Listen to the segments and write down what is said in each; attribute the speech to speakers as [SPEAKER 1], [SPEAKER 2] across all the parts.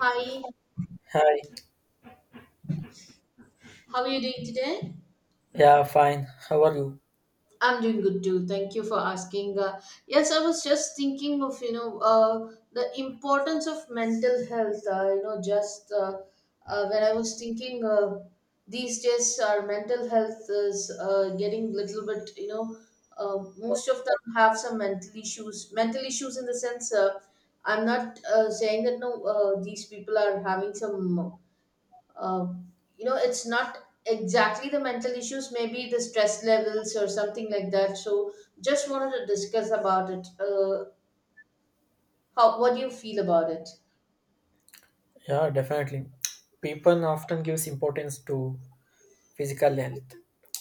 [SPEAKER 1] Hi,
[SPEAKER 2] Hi.
[SPEAKER 1] how are you doing today?
[SPEAKER 2] Yeah, fine. How are you?
[SPEAKER 1] I'm doing good too. Thank you for asking. Yes, I was just thinking of the importance of mental health. Just when I was thinking, these days, our mental health is getting little bit. Most of them have some mental issues. Mental issues in the sense, I'm not saying that no, these people are having some uh, it's not exactly the mental issues, maybe the stress levels or something like that. So just wanted to discuss about it. How, what do you feel about it?
[SPEAKER 2] Yeah, definitely. People often gives importance to physical health,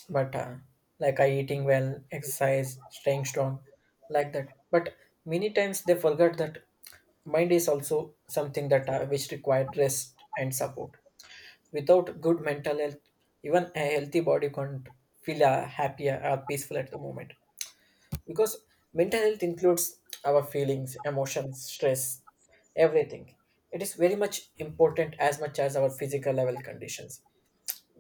[SPEAKER 2] but like I eating well, exercise, staying strong, like that. But many times they forget that mind is also something that which required rest and support. Without good mental health, even a healthy body can't feel happier or peaceful at the moment. Because mental health includes our feelings, emotions, stress, everything. It is very much important as much as our physical level conditions.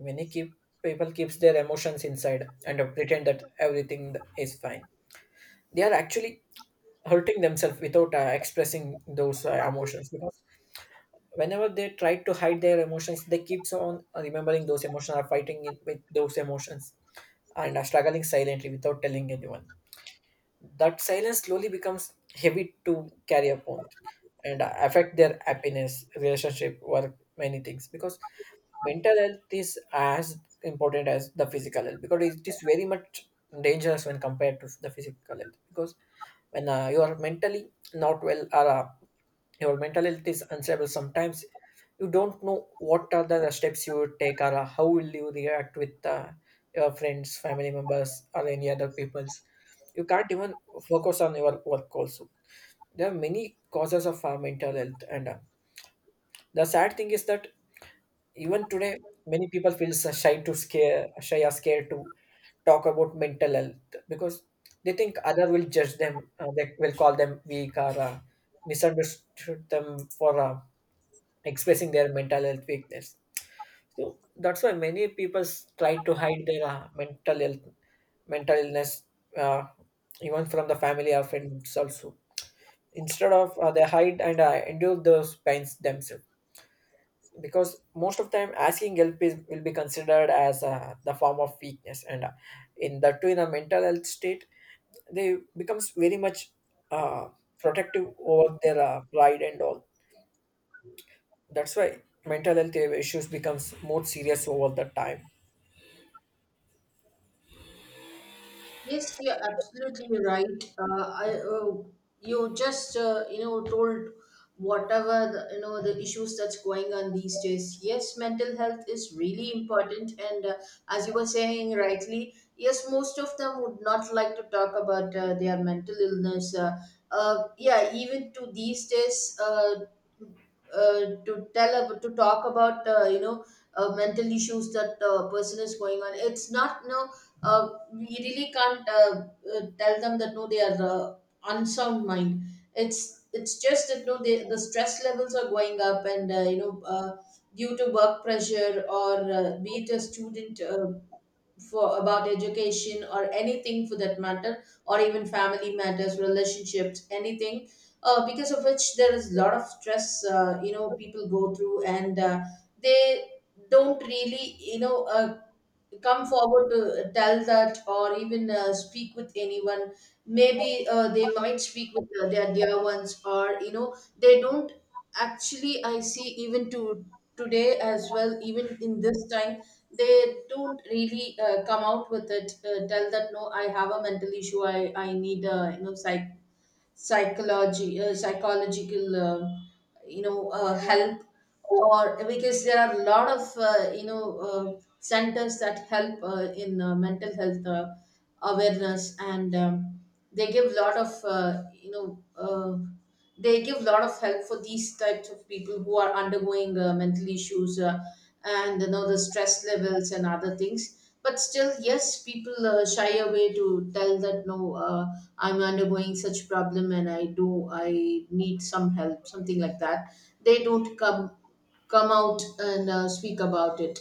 [SPEAKER 2] Many keep People keeps their emotions inside and pretend that everything is fine. They are actually hurting themselves without expressing those emotions, because whenever they try to hide their emotions, they keeps on remembering those emotions, are fighting it with those emotions, and are struggling silently without telling anyone. That silence slowly becomes heavy to carry upon, and affect their happiness, relationship, work, many things, because mental health is as important as the physical health, because it is very much dangerous when compared to the physical health, because when you are mentally not well, or your mental health is unstable, sometimes you don't know what are the steps you would take, or how will you react with your friends, family members, or any other peoples. You can't even focus on your work also. There are many causes of mental health, and the sad thing is that even today many people feel so shy to scare shy or scared to talk about mental health, because they think other will judge them, they will call them weak, or misunderstood them for expressing their mental health weakness. So that's why many people try to hide their mental health, mental illness, uh, even from the family or friends also. Instead of they hide and endure those pains themselves, because most of time asking help is, will be considered as the form of weakness, and in that too in a mental health state, they becomes very much uh, protective over their pride and all. That's why mental health issues becomes more serious over the time.
[SPEAKER 1] Yes, you're absolutely right. You just told whatever the, you know the issues that's going on these days. Yes, mental health is really important, and as you were saying rightly, yes, most of them would not like to talk about their mental illness. Yeah, even to these days, uh, to talk about mental issues that the person is going on. It's not no. uh, we really can't tell them that no they are unsound mind. It's just that no the stress levels are going up, and due to work pressure, or be it a student, for about education or anything, for that matter, or even family matters, relationships, anything, because of which there is a lot of stress, people go through. And they don't really come forward to tell that, or even speak with anyone. Maybe they might speak with their dear ones, or you know they don't actually. I see, even to today as well, even in this time they don't really come out with it, tell that no I have a mental issue. I need psychology psychological help. Or because there are a lot of centers that help in mental health awareness, and they give lot of uh, you know uh, they give lot of help for these types of people who are undergoing mental issues, and you know the stress levels and other things. But still, yes, people shy away to tell that no, I'm undergoing such problem, and I need some help, something like that. They don't come out and speak about it.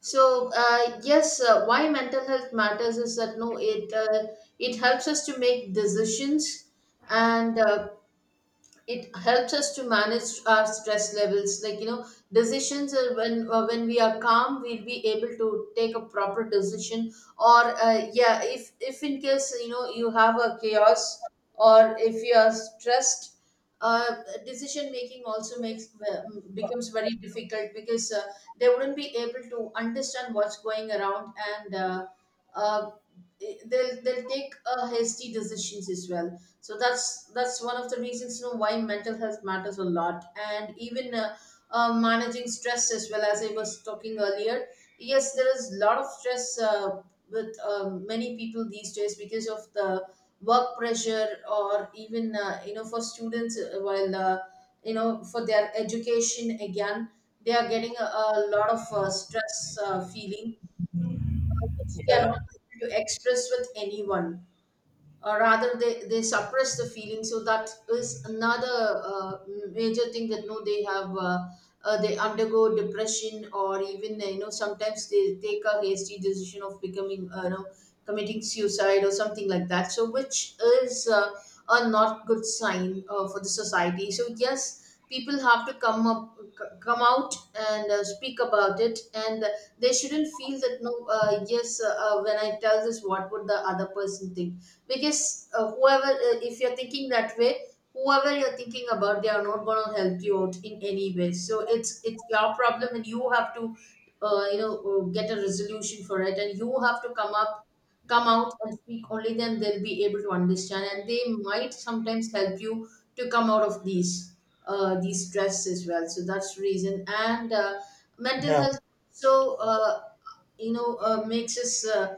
[SPEAKER 1] So yes, why mental health matters is that no it helps us to make decisions. And it helps us to manage our stress levels, like, you know. Decisions, when we are calm, we'll be able to take a proper decision. Or yeah, if in case, you know, you have a chaos, or if you are stressed, uh, decision making also becomes very difficult, because they wouldn't be able to understand what's going around. And uh, they'll take hasty decisions as well. So that's one of the reasons, you know, why mental health matters a lot. And even, managing stress as well, as I was talking earlier, yes, there is a lot of stress with many people these days, because of the work pressure, or even for students, while for their education again, they are getting a lot of stress feeling, which they are
[SPEAKER 2] Yeah,
[SPEAKER 1] not able to express with anyone, or rather they suppress the feeling. So that is another major thing, that no, they undergo depression, or even sometimes they take a hasty decision of becoming, committing suicide or something like that. So which is a not good sign for the society. So yes, people have to come out and speak about it. And they shouldn't feel that no, yes, when I tell this, what would the other person think? Because whoever, if you're thinking that way, whoever you're thinking about, they are not going to help you out in any way. So it's your problem, and you have to uh, you know get a resolution for it. And you have to come out and speak. Only then they'll be able to understand, and they might sometimes help you to come out of these stress as well. So that's the reason. And mental
[SPEAKER 2] yeah,
[SPEAKER 1] health, so makes us uh,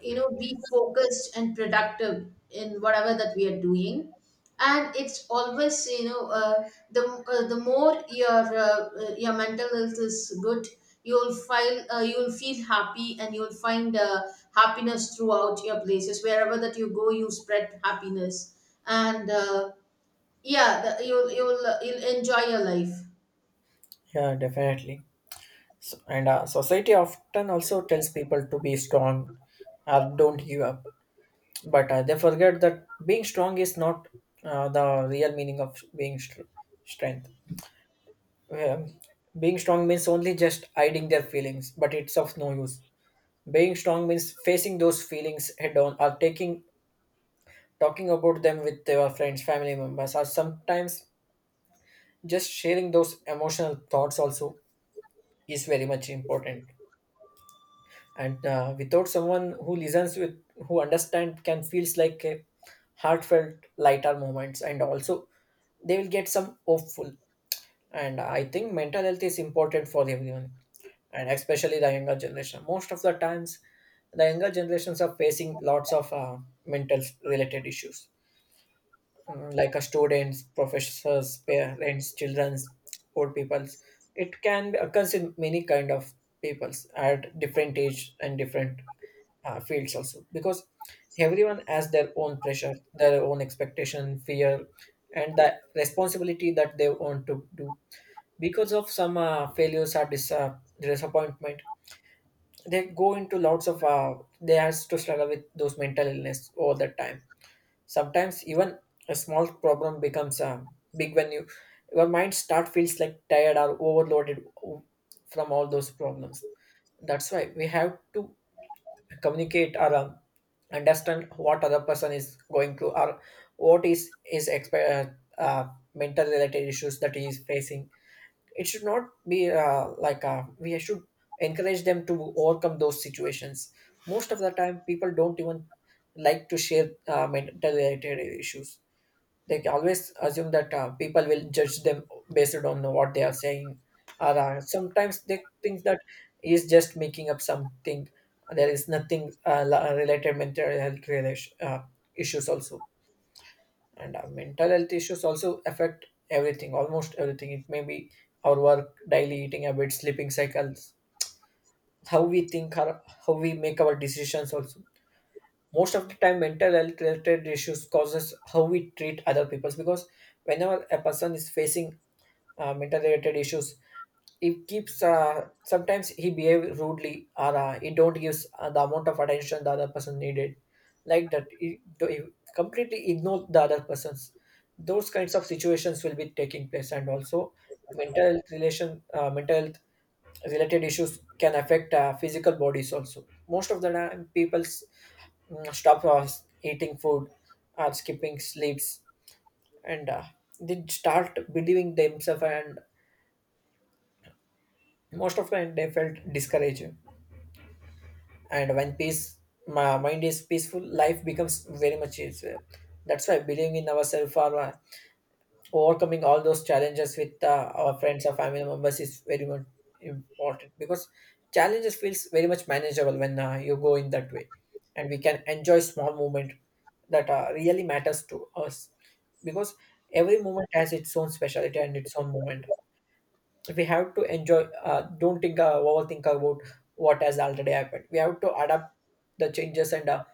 [SPEAKER 1] you know be focused and productive in whatever that we are doing. And it's always, you know, the more your mental health is good, you'll feel happy, and you'll find happiness throughout your places. Wherever that you go, you spread happiness. And yeah, you'll enjoy your life.
[SPEAKER 2] yeah, definitely. So, and society often also tells people to be strong or don't give up, but they forget that being strong is not the real meaning of being strength. Um, being strong means only just hiding their feelings, but it's of no use. Being strong means facing those feelings head on, or taking talking about them with your friends, family members, or sometimes just sharing those emotional thoughts also is very much important. And without someone who listens with who understand can feels like a heartfelt lighter moments, and also they will get some hopeful. And I think mental health is important for everyone, and especially the younger generation. Most of the times the younger generations are facing lots of mental related issues, like a students, professors, parents, childrens, old peoples. It can occurs in many kind of peoples at different age and different fields also, because everyone has their own pressure, their own expectation, fear, and the responsibility that they want to do. Because of some failures or disappointment, they go into lots of they has to struggle with those mental illness all the time. Sometimes even a small problem becomes a big when you your mind start feels like tired or overloaded from all those problems. That's why we have to communicate, or understand what other person is going through, or what is is exp- uh, uh, mental related issues that he is facing. It should not be like we should encourage them to overcome those situations. Most of the time, people don't even like to share mental related issues. They always assume that people will judge them based on what they are saying, or sometimes they think that he is just making up something, there is nothing related mental health relation, issues also. And mental health issues also affect everything, almost everything. It may be our work, daily eating habits, sleeping cycles, how we think or how we make our decisions also. Most of the time mental health related issues causes how we treat other people, because whenever a person is facing mental related issues, he keeps sometimes he behave rudely, or he don't gives the amount of attention the other person needed, like that he completely ignore the other persons. Those kinds of situations will be taking place. And also, mental health relation mental health related issues can affect physical bodies also. Most of the time people stop eating food or skipping sleeps, and they start believing themselves, and most of the time they felt discouraged. And when peace my mind is peaceful, life becomes very much easier. That's why believing in ourselves, or overcoming all those challenges with our friends or family members is very much important, because challenges feels very much manageable when you go in that way, and we can enjoy small moment that really matters to us, because every moment has its own specialty and its own moment. We have to enjoy, don't think, overthink about what has already happened. We have to adapt the changes, and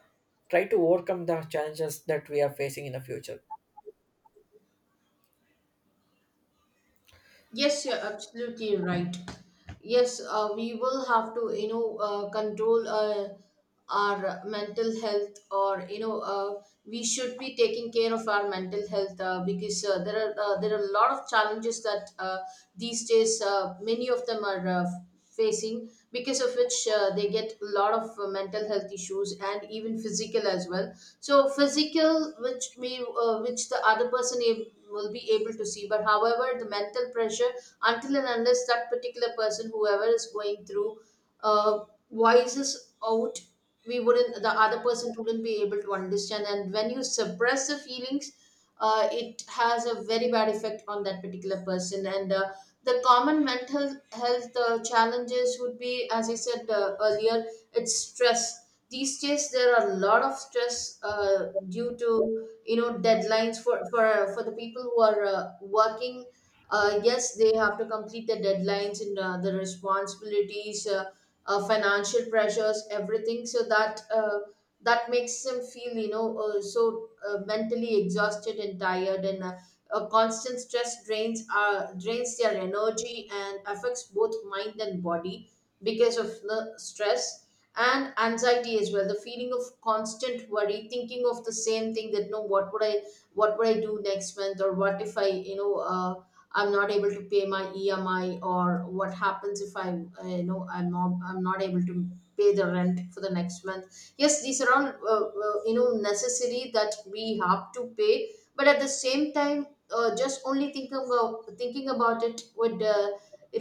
[SPEAKER 2] try to overcome the challenges that we are facing in the future.
[SPEAKER 1] Yes, you're absolutely right. Yes, we will have to, you know, control our mental health, or you know, we should be taking care of our mental health, because there are a lot of challenges that these days many of them are facing, because of which they get a lot of mental health issues, and even physical as well. So physical, which the other person will be able to see. But however, the mental pressure, until and unless that particular person whoever is going through uh, voices out, we wouldn't the other person wouldn't be able to understand. And when you suppress the feelings, it has a very bad effect on that particular person. And the common mental health challenges would be, as I said earlier, it's stress. These days there are a lot of stress due to, you know, deadlines for the people who are working. Yes, they have to complete the deadlines, and the responsibilities, financial pressures, everything. So that makes them feel, you know, so mentally exhausted and tired. And constant stress drains their energy, and affects both mind and body, because of the stress and anxiety as well. The feeling of constant worry, thinking of the same thing that no, what would I do next month? Or what if I, I'm not able to pay my EMI? Or what happens if I, I'm not able to pay the rent for the next month? Yes, these are all necessary that we have to pay, but at the same time, just only thinking about it would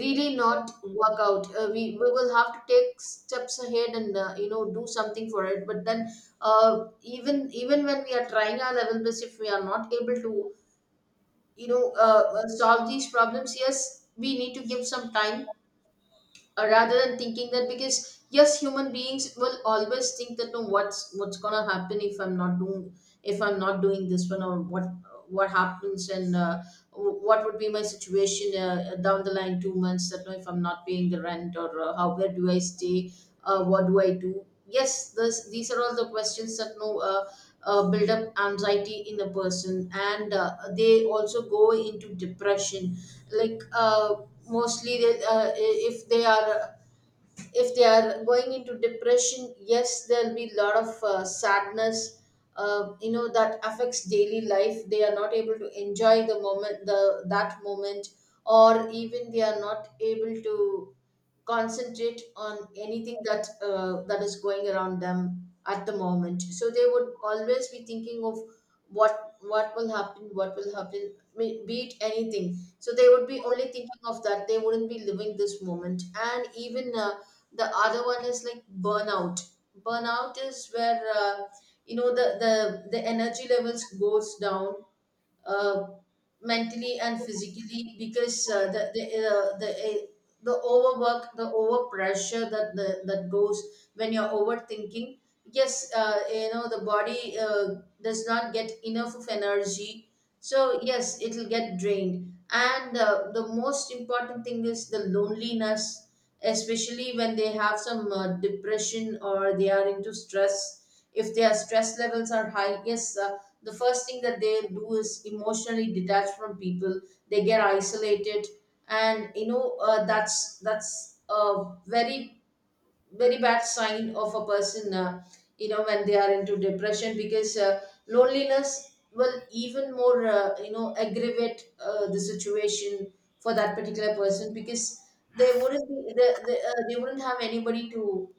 [SPEAKER 1] really not work out. We will have to take steps ahead, and do something for it. But then, even when we are trying our level best, if we are not able to solve these problems, yes, we need to give some time, rather than thinking that. Because yes, human beings will always think that no, what's gonna happen if I'm not doing, this one? Or what happens? And what would be my situation down the line 2 months, that no, if I'm not paying the rent, or how where do I stay? What do I do? Yes, these are all the questions that no, build up anxiety in a person. And they also go into depression. Like, mostly, if they are going into depression, yes, there'll be a lot of sadness. You know that affects daily life. They are not able to enjoy the moment, the that moment, or even they are not able to concentrate on anything that that is going around them at the moment, so they would always be thinking of what will happen, be it anything. So they would be only thinking of that. They wouldn't be living this moment. And even the other one is like burnout. Burnout is where, you know, the energy levels goes down, uh, mentally and physically, because the overwork, the overpressure that goes when you're overthinking. Yes, you know, the body does not get enough of energy. So yes, it'll get drained. And the most important thing is the loneliness, especially when they have some depression, or they are into stress. If their stress levels are high, yes, the first thing that they do is emotionally detach from people. They get isolated. And that's a very, very bad sign of a person, you know, when they are into depression. Because loneliness will even more, you know, aggravate the situation for that particular person, because they wouldn't have anybody to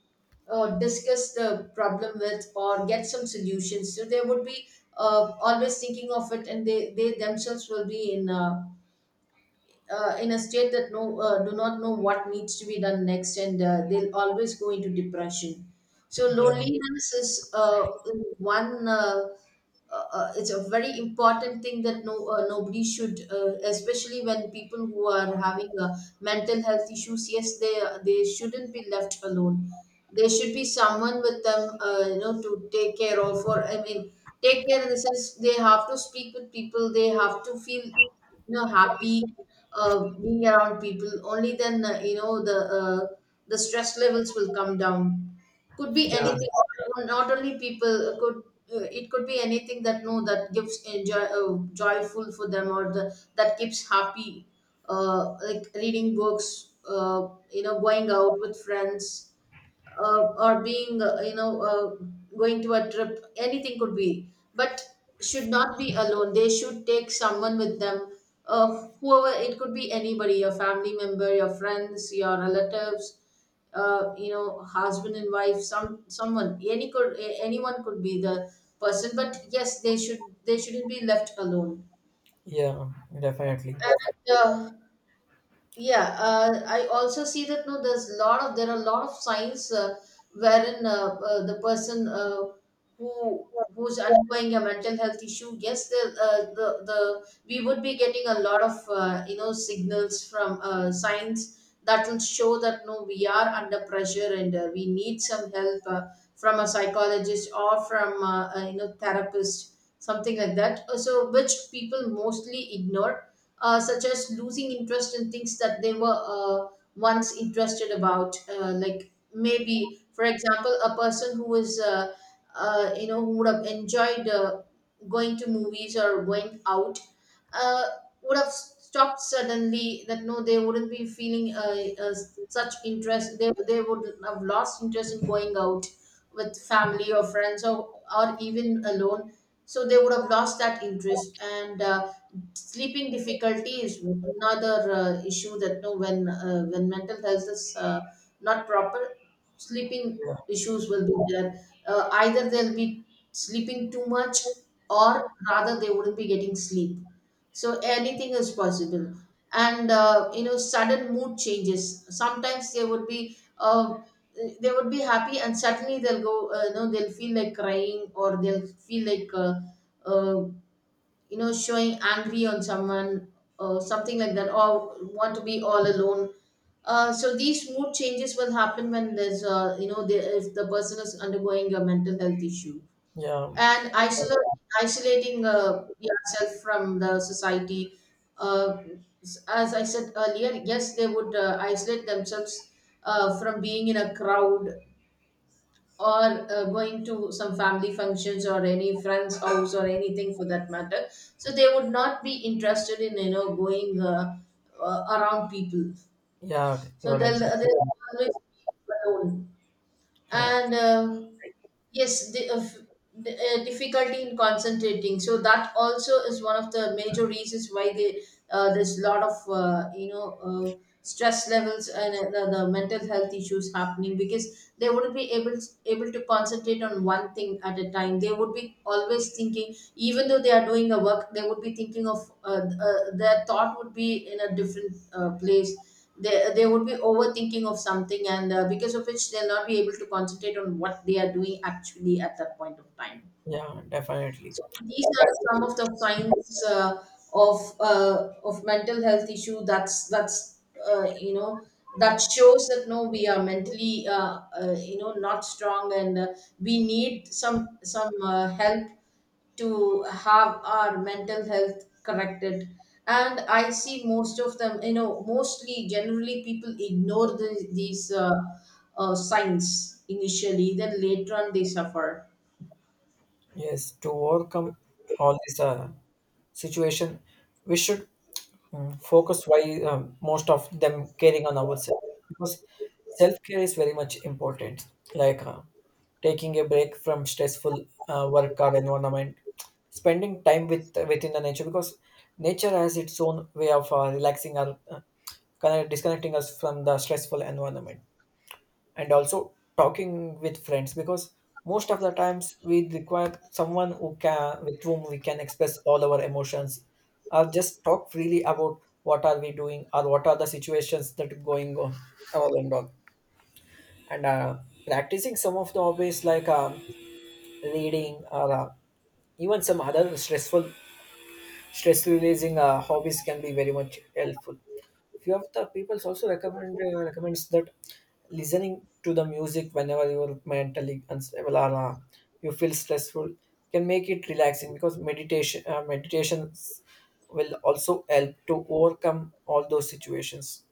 [SPEAKER 1] discuss the problem with, or get some solutions. So they would be, always thinking of it. And they themselves will be in a state that no, do not know what needs to be done next. And they'll always go into depression. So
[SPEAKER 2] Yeah,
[SPEAKER 1] loneliness is, one, it's a very important thing that no, nobody should, especially when people who are having mental health issues. Yes, they shouldn't be left alone. There should be someone with them, you know, to take care of. Or I mean, take care in the sense, they have to speak with people. They have to feel, you know, happy being around people. Only then you know, the stress levels will come down. Could be anything.
[SPEAKER 2] yeah.
[SPEAKER 1] Not only people, could, it could be anything that no, that gives enjoy, joyful for them, or the, that keeps happy, like reading books, you know, going out with friends, or being, you know, going to a trip. Anything could be, but should not be alone. They should take someone with them, whoever. It could be anybody: your family member, your friends, your relatives, you know, husband and wife. Someone, anyone could be the person. But yes, they should, they shouldn't be left alone.
[SPEAKER 2] Yeah, definitely.
[SPEAKER 1] And yeah, I also see that no, there are a lot of signs wherein, the person, who who's undergoing a mental health issue. Yes, the we would be getting a lot of you know, signals from, signs that will show that no, we are under pressure, and we need some help from a psychologist, or from a, therapist, something like that. So, which people mostly ignore, such as losing interest in things that they were once interested about. Like maybe, for example, a person who is, you know, who would have enjoyed going to movies or going out, uh, would have stopped suddenly. That no, they wouldn't be feeling, such interest. They would have lost interest in going out with family or friends, or even alone. So they would have lost that interest. And sleeping difficulty is another issue that no, when when mental health is not proper, sleeping
[SPEAKER 2] Yeah,
[SPEAKER 1] issues will be there. Either they'll be sleeping too much, or rather they wouldn't be getting sleep. So anything is possible. And you know, sudden mood changes. Sometimes they would be happy, and suddenly they'll go, you know, they'll feel like crying, or they'll feel like, uh, you know, showing angry on someone, or something like that, or want to be all alone. So these mood changes will happen when there's, you know, the, if the person is undergoing a mental health issue.
[SPEAKER 2] yeah,
[SPEAKER 1] And isolating yourself from the society. Uh, as I said earlier, yes, they would isolate themselves from being in a crowd, or going to some family functions, or any friend's house, or anything for that matter. So they would not be interested in, you know, going, around people.
[SPEAKER 2] yeah.
[SPEAKER 1] So
[SPEAKER 2] You're
[SPEAKER 1] they'll,
[SPEAKER 2] exactly.
[SPEAKER 1] they'll
[SPEAKER 2] Right.
[SPEAKER 1] always be alone.
[SPEAKER 2] Yeah,
[SPEAKER 1] And yes, the difficulty in concentrating. So that also is one of the major reasons why they, there's a lot of you know, stress levels, and the mental health issues happening, because they wouldn't be able to concentrate on one thing at a time. They would be always thinking. Even though they are doing a work, they would be thinking of, their thought would be in a different place. They would be overthinking of something, and because of which, they'll not be able to concentrate on what they are doing actually at that point of time.
[SPEAKER 2] yeah, definitely.
[SPEAKER 1] So these are some of the signs, of mental health issue. That's you know, that shows that no, we are mentally, you know, not strong, and we need some help to have our mental health corrected. And I see most of them, you know, mostly, generally people ignore these, signs initially, then later on they suffer.
[SPEAKER 2] Yes, to overcome all this situation, we should focus why most of them caring on ourselves, because self care is very much important. Like taking a break from stressful work or environment, spending time with within the nature, because nature has its own way of relaxing our disconnecting us from the stressful environment. And also talking with friends, because most of the times we require someone who can with whom we can express all our emotions, or just talk freely about what are we doing or what are the situations that are going on, all and all. And practicing some of the hobbies, like reading, or even some other stress releasing hobbies can be very much helpful. Few of the peoples also recommends that listening to the music whenever you're mentally unstable, or you feel stressful, can make it relaxing, because meditations will also help to overcome all those situations.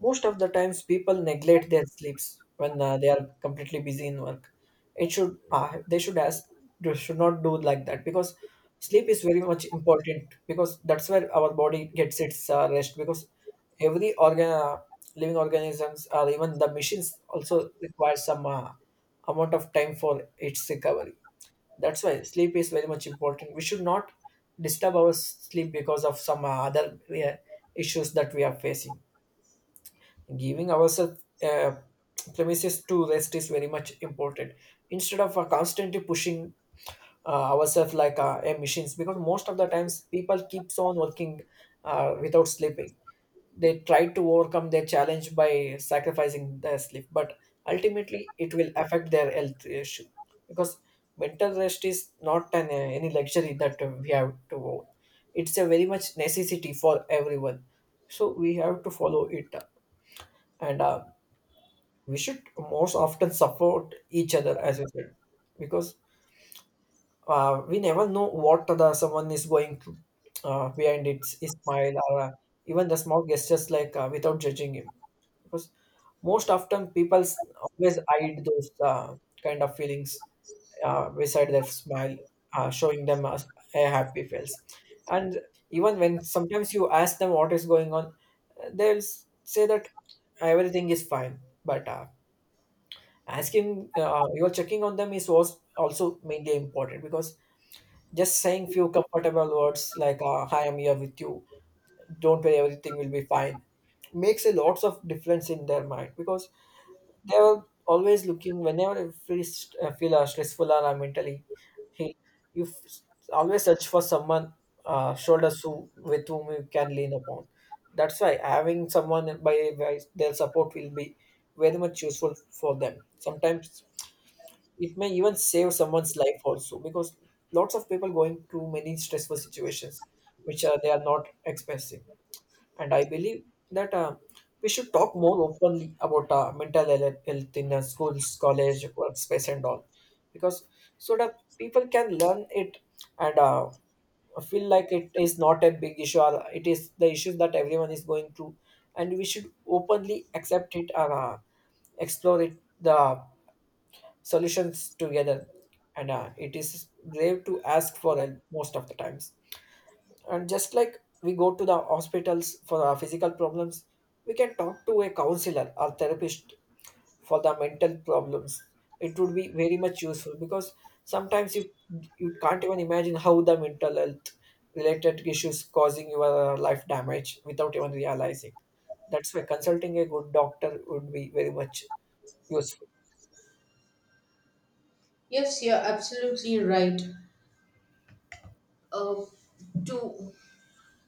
[SPEAKER 2] Most of the times, people neglect their sleeps when they are completely busy in work. It should They should ask they should not do like that, because sleep is very much important, because that's where our body gets its rest, because every organ, living organisms or even the machines also require some amount of time for its recovery. That's why sleep is very much important. We should not disturb our sleep because of some other issues that we are facing. Giving ourselves premises to rest is very much important, instead of constantly pushing ourselves like a machines, because most of the times people keeps on working without sleeping. They try to overcome their challenge by sacrificing their sleep, but ultimately it will affect their health issue, because mental rest is not an any luxury that we have to own. It's a very much necessity for everyone, so we have to follow it up. And we should most often support each other, as you said, because we never know what the someone is going through, behind its his smile, or even the small gestures, like without judging him, because most often people always hide those kind of feelings beside their smile, showing them a happy face. And even when sometimes you ask them what is going on, they'll say that everything is fine, but asking your checking on them is was also mainly important, because just saying few comfortable words like, hi, I'm here with you, don't worry, everything will be fine, makes a lots of difference in their mind, because they are always looking whenever you feel stressful, or mentally ill, you always search for someone shoulders with whom you can lean upon. That's why having someone by their support will be very much useful for them. Sometimes it may even save someone's life also, because lots of people going through many stressful situations which they are not expressing. And I believe that we should talk more openly about mental health health in schools, college, workspace and all, because so that people can learn it, and feel like it is not a big issue, or it is the issue that everyone is going through, and we should openly accept it and explore it the solutions together. And it is brave to ask for help most of the times. And just like we go to the hospitals for our physical problems, we can talk to a counselor or therapist for the mental problems. It would be very much useful, because sometimes you you can't even imagine how the mental health related issues causing your life damage without even realizing. That's why consulting a good doctor would be very much useful.
[SPEAKER 1] Yes, you're absolutely right. uh, to,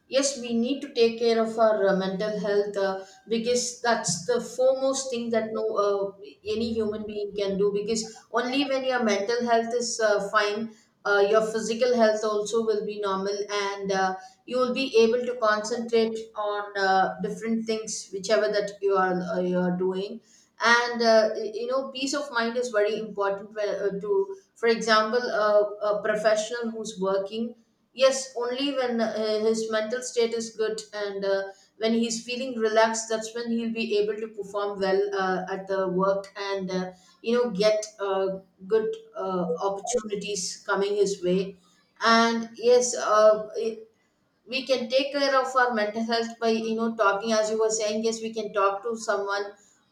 [SPEAKER 1] yes, we need to take care of our mental health, because that's the foremost thing that no, any human being can do. Because only when your mental health is fine, your physical health also will be normal, and you will be able to concentrate on different things, whichever that you are, you are doing. And you know, peace of mind is very important. To, for example, a professional who's working. Yes, only when his mental state is good, and when he's feeling relaxed, that's when he'll be able to perform well at the work, and you know, get good opportunities coming his way. And yes, it, we can take care of our mental health by, you know, talking. As you were saying, yes, we can talk to someone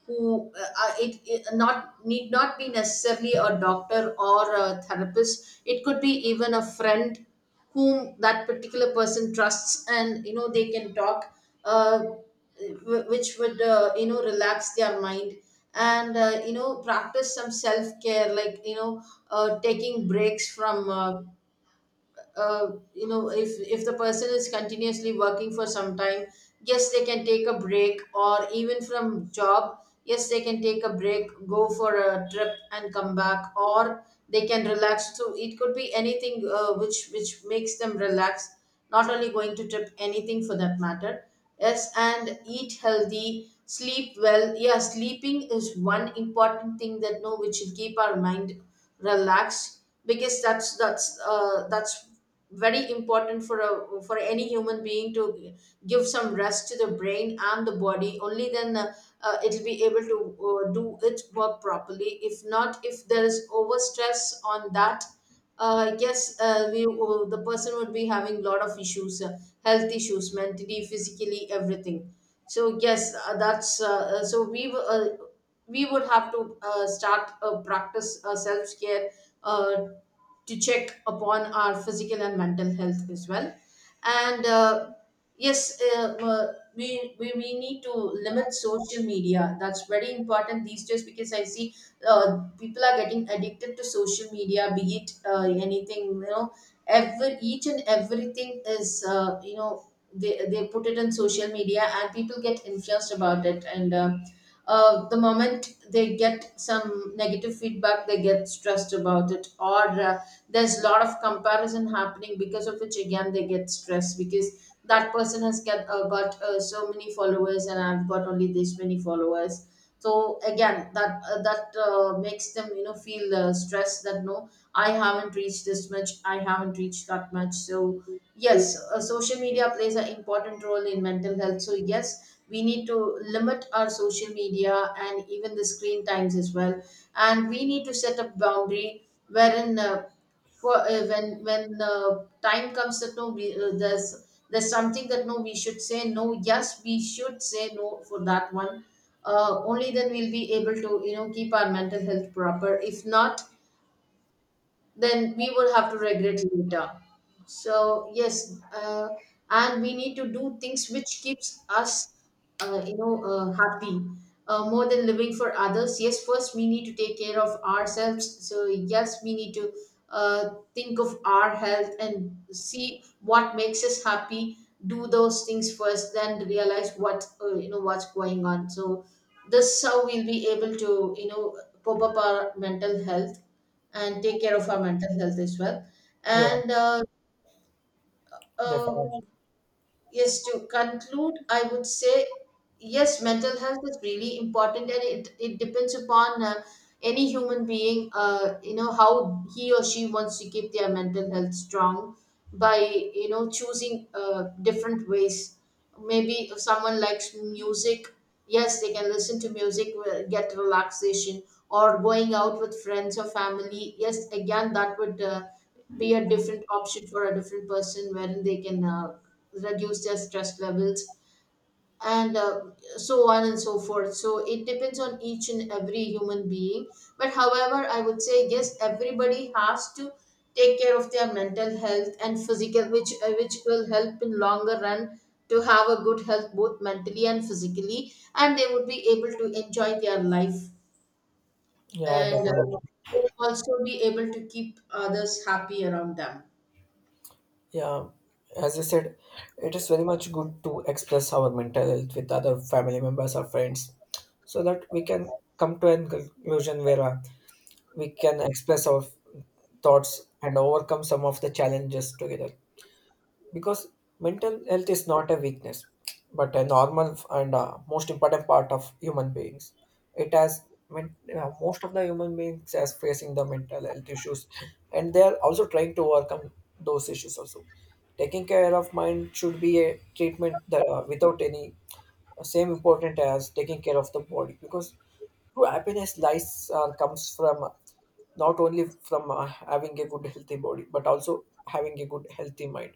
[SPEAKER 1] who, it not need not be necessarily a doctor or a therapist. It could be even a friend whom that particular person trusts, and you know, they can talk, uh, which would, you know, relax their mind, and you know, practice some self care, like, you know, taking breaks from, you know, if the person is continuously working for some time, yes, they can take a break. Or even from job, yes, they can take a break, go for a trip and come back, or they can relax. So it could be anything, which makes them relax, not only going to trip, anything for that matter. Yes, and eat healthy, sleep well. Yeah, sleeping is one important thing that no, which should keep our mind relax. Because that's very important for a, for any human being to give some rest to the brain and the body. Only then, it'll be able to do its work properly. If not, if there is over stress on that, yes, we, the person would be having a lot of issues, health issues, mentally, physically, everything. So yes, that's so we were, we would have to start, practice self-care, uh, to check upon our physical and mental health as well. And yes, we need to limit social media. That's very important these days, because I see people are getting addicted to social media, be it anything, you know, every, each and everything is, you know, they put it on social media, and people get influenced about it. And the moment they get some negative feedback, they get stressed about it, or there's a lot of comparison happening, because of which again they get stressed, because that person has got so many followers, and I've got only this many followers. So again that that makes them, you know, feel stressed that no, I haven't reached this much, I haven't reached that much. So yes, social media plays an important role in mental health. So yes, we need to limit our social media, and even the screen times as well. And we need to set a boundary wherein, when time comes that no, there's something that no, we should say no. Yes, we should say no for that one. Only then we'll be able to, you know, keep our mental health proper. If not, then we will have to regret later. So yes, and we need to do things which keeps us, you know, happy, more than living for others. Yes, first we need to take care of ourselves. So yes, we need to think of our health, and see what makes us happy. Do those things first, then realize what, you know, what's going on. So this how we'll be able to, you know, pop up our mental health, and take care of our mental health as well.
[SPEAKER 2] Yeah,
[SPEAKER 1] And uh,
[SPEAKER 2] definitely.
[SPEAKER 1] yes, to conclude, I would say yes, mental health is really important, and it depends upon any human being, you know, how he or she wants to keep their mental health strong, by, you know, choosing different ways. Maybe if someone likes music, yes, they can listen to music, get relaxation, or going out with friends or family. Yes, again, that would be a different option for a different person, wherein they can. Reduce their stress levels, and so on and so forth. So it depends on each and every human being, but however, I would say, yes, everybody has to take care of their mental health and physical, which, which will help in longer run, to have a good health, both mentally and physically, and they would be able to enjoy their life.
[SPEAKER 2] Yeah,
[SPEAKER 1] And
[SPEAKER 2] definitely.
[SPEAKER 1] they'll also be able to keep others happy around them.
[SPEAKER 2] Yeah, as you said, it is very much good to express our mental health with other family members or friends, so that we can come to a conclusion where we can express our thoughts and overcome some of the challenges together, because mental health is not a weakness, but a normal and most important part of human beings. It has most of the human beings as facing the mental health issues, and they are also trying to overcome those issues also. Taking care of mind should be a treatment that, without any same important as taking care of the body, because true happiness lies comes from, not only from having a good healthy body, but also having a good healthy mind.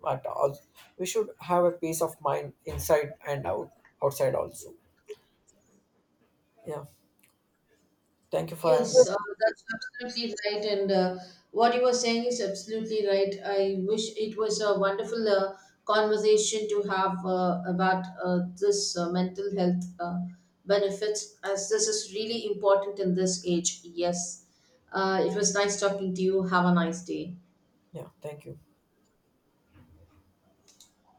[SPEAKER 2] But also we should have a peace of mind inside and outside also. Yeah. Thank you for having
[SPEAKER 1] Yes,
[SPEAKER 2] this.
[SPEAKER 1] that's absolutely right. And what you were saying is absolutely right. I wish it was a wonderful conversation to have about this mental health benefits, as this is really important in this age. Yes, it was nice talking to you. Have a nice day.
[SPEAKER 2] Yeah thank you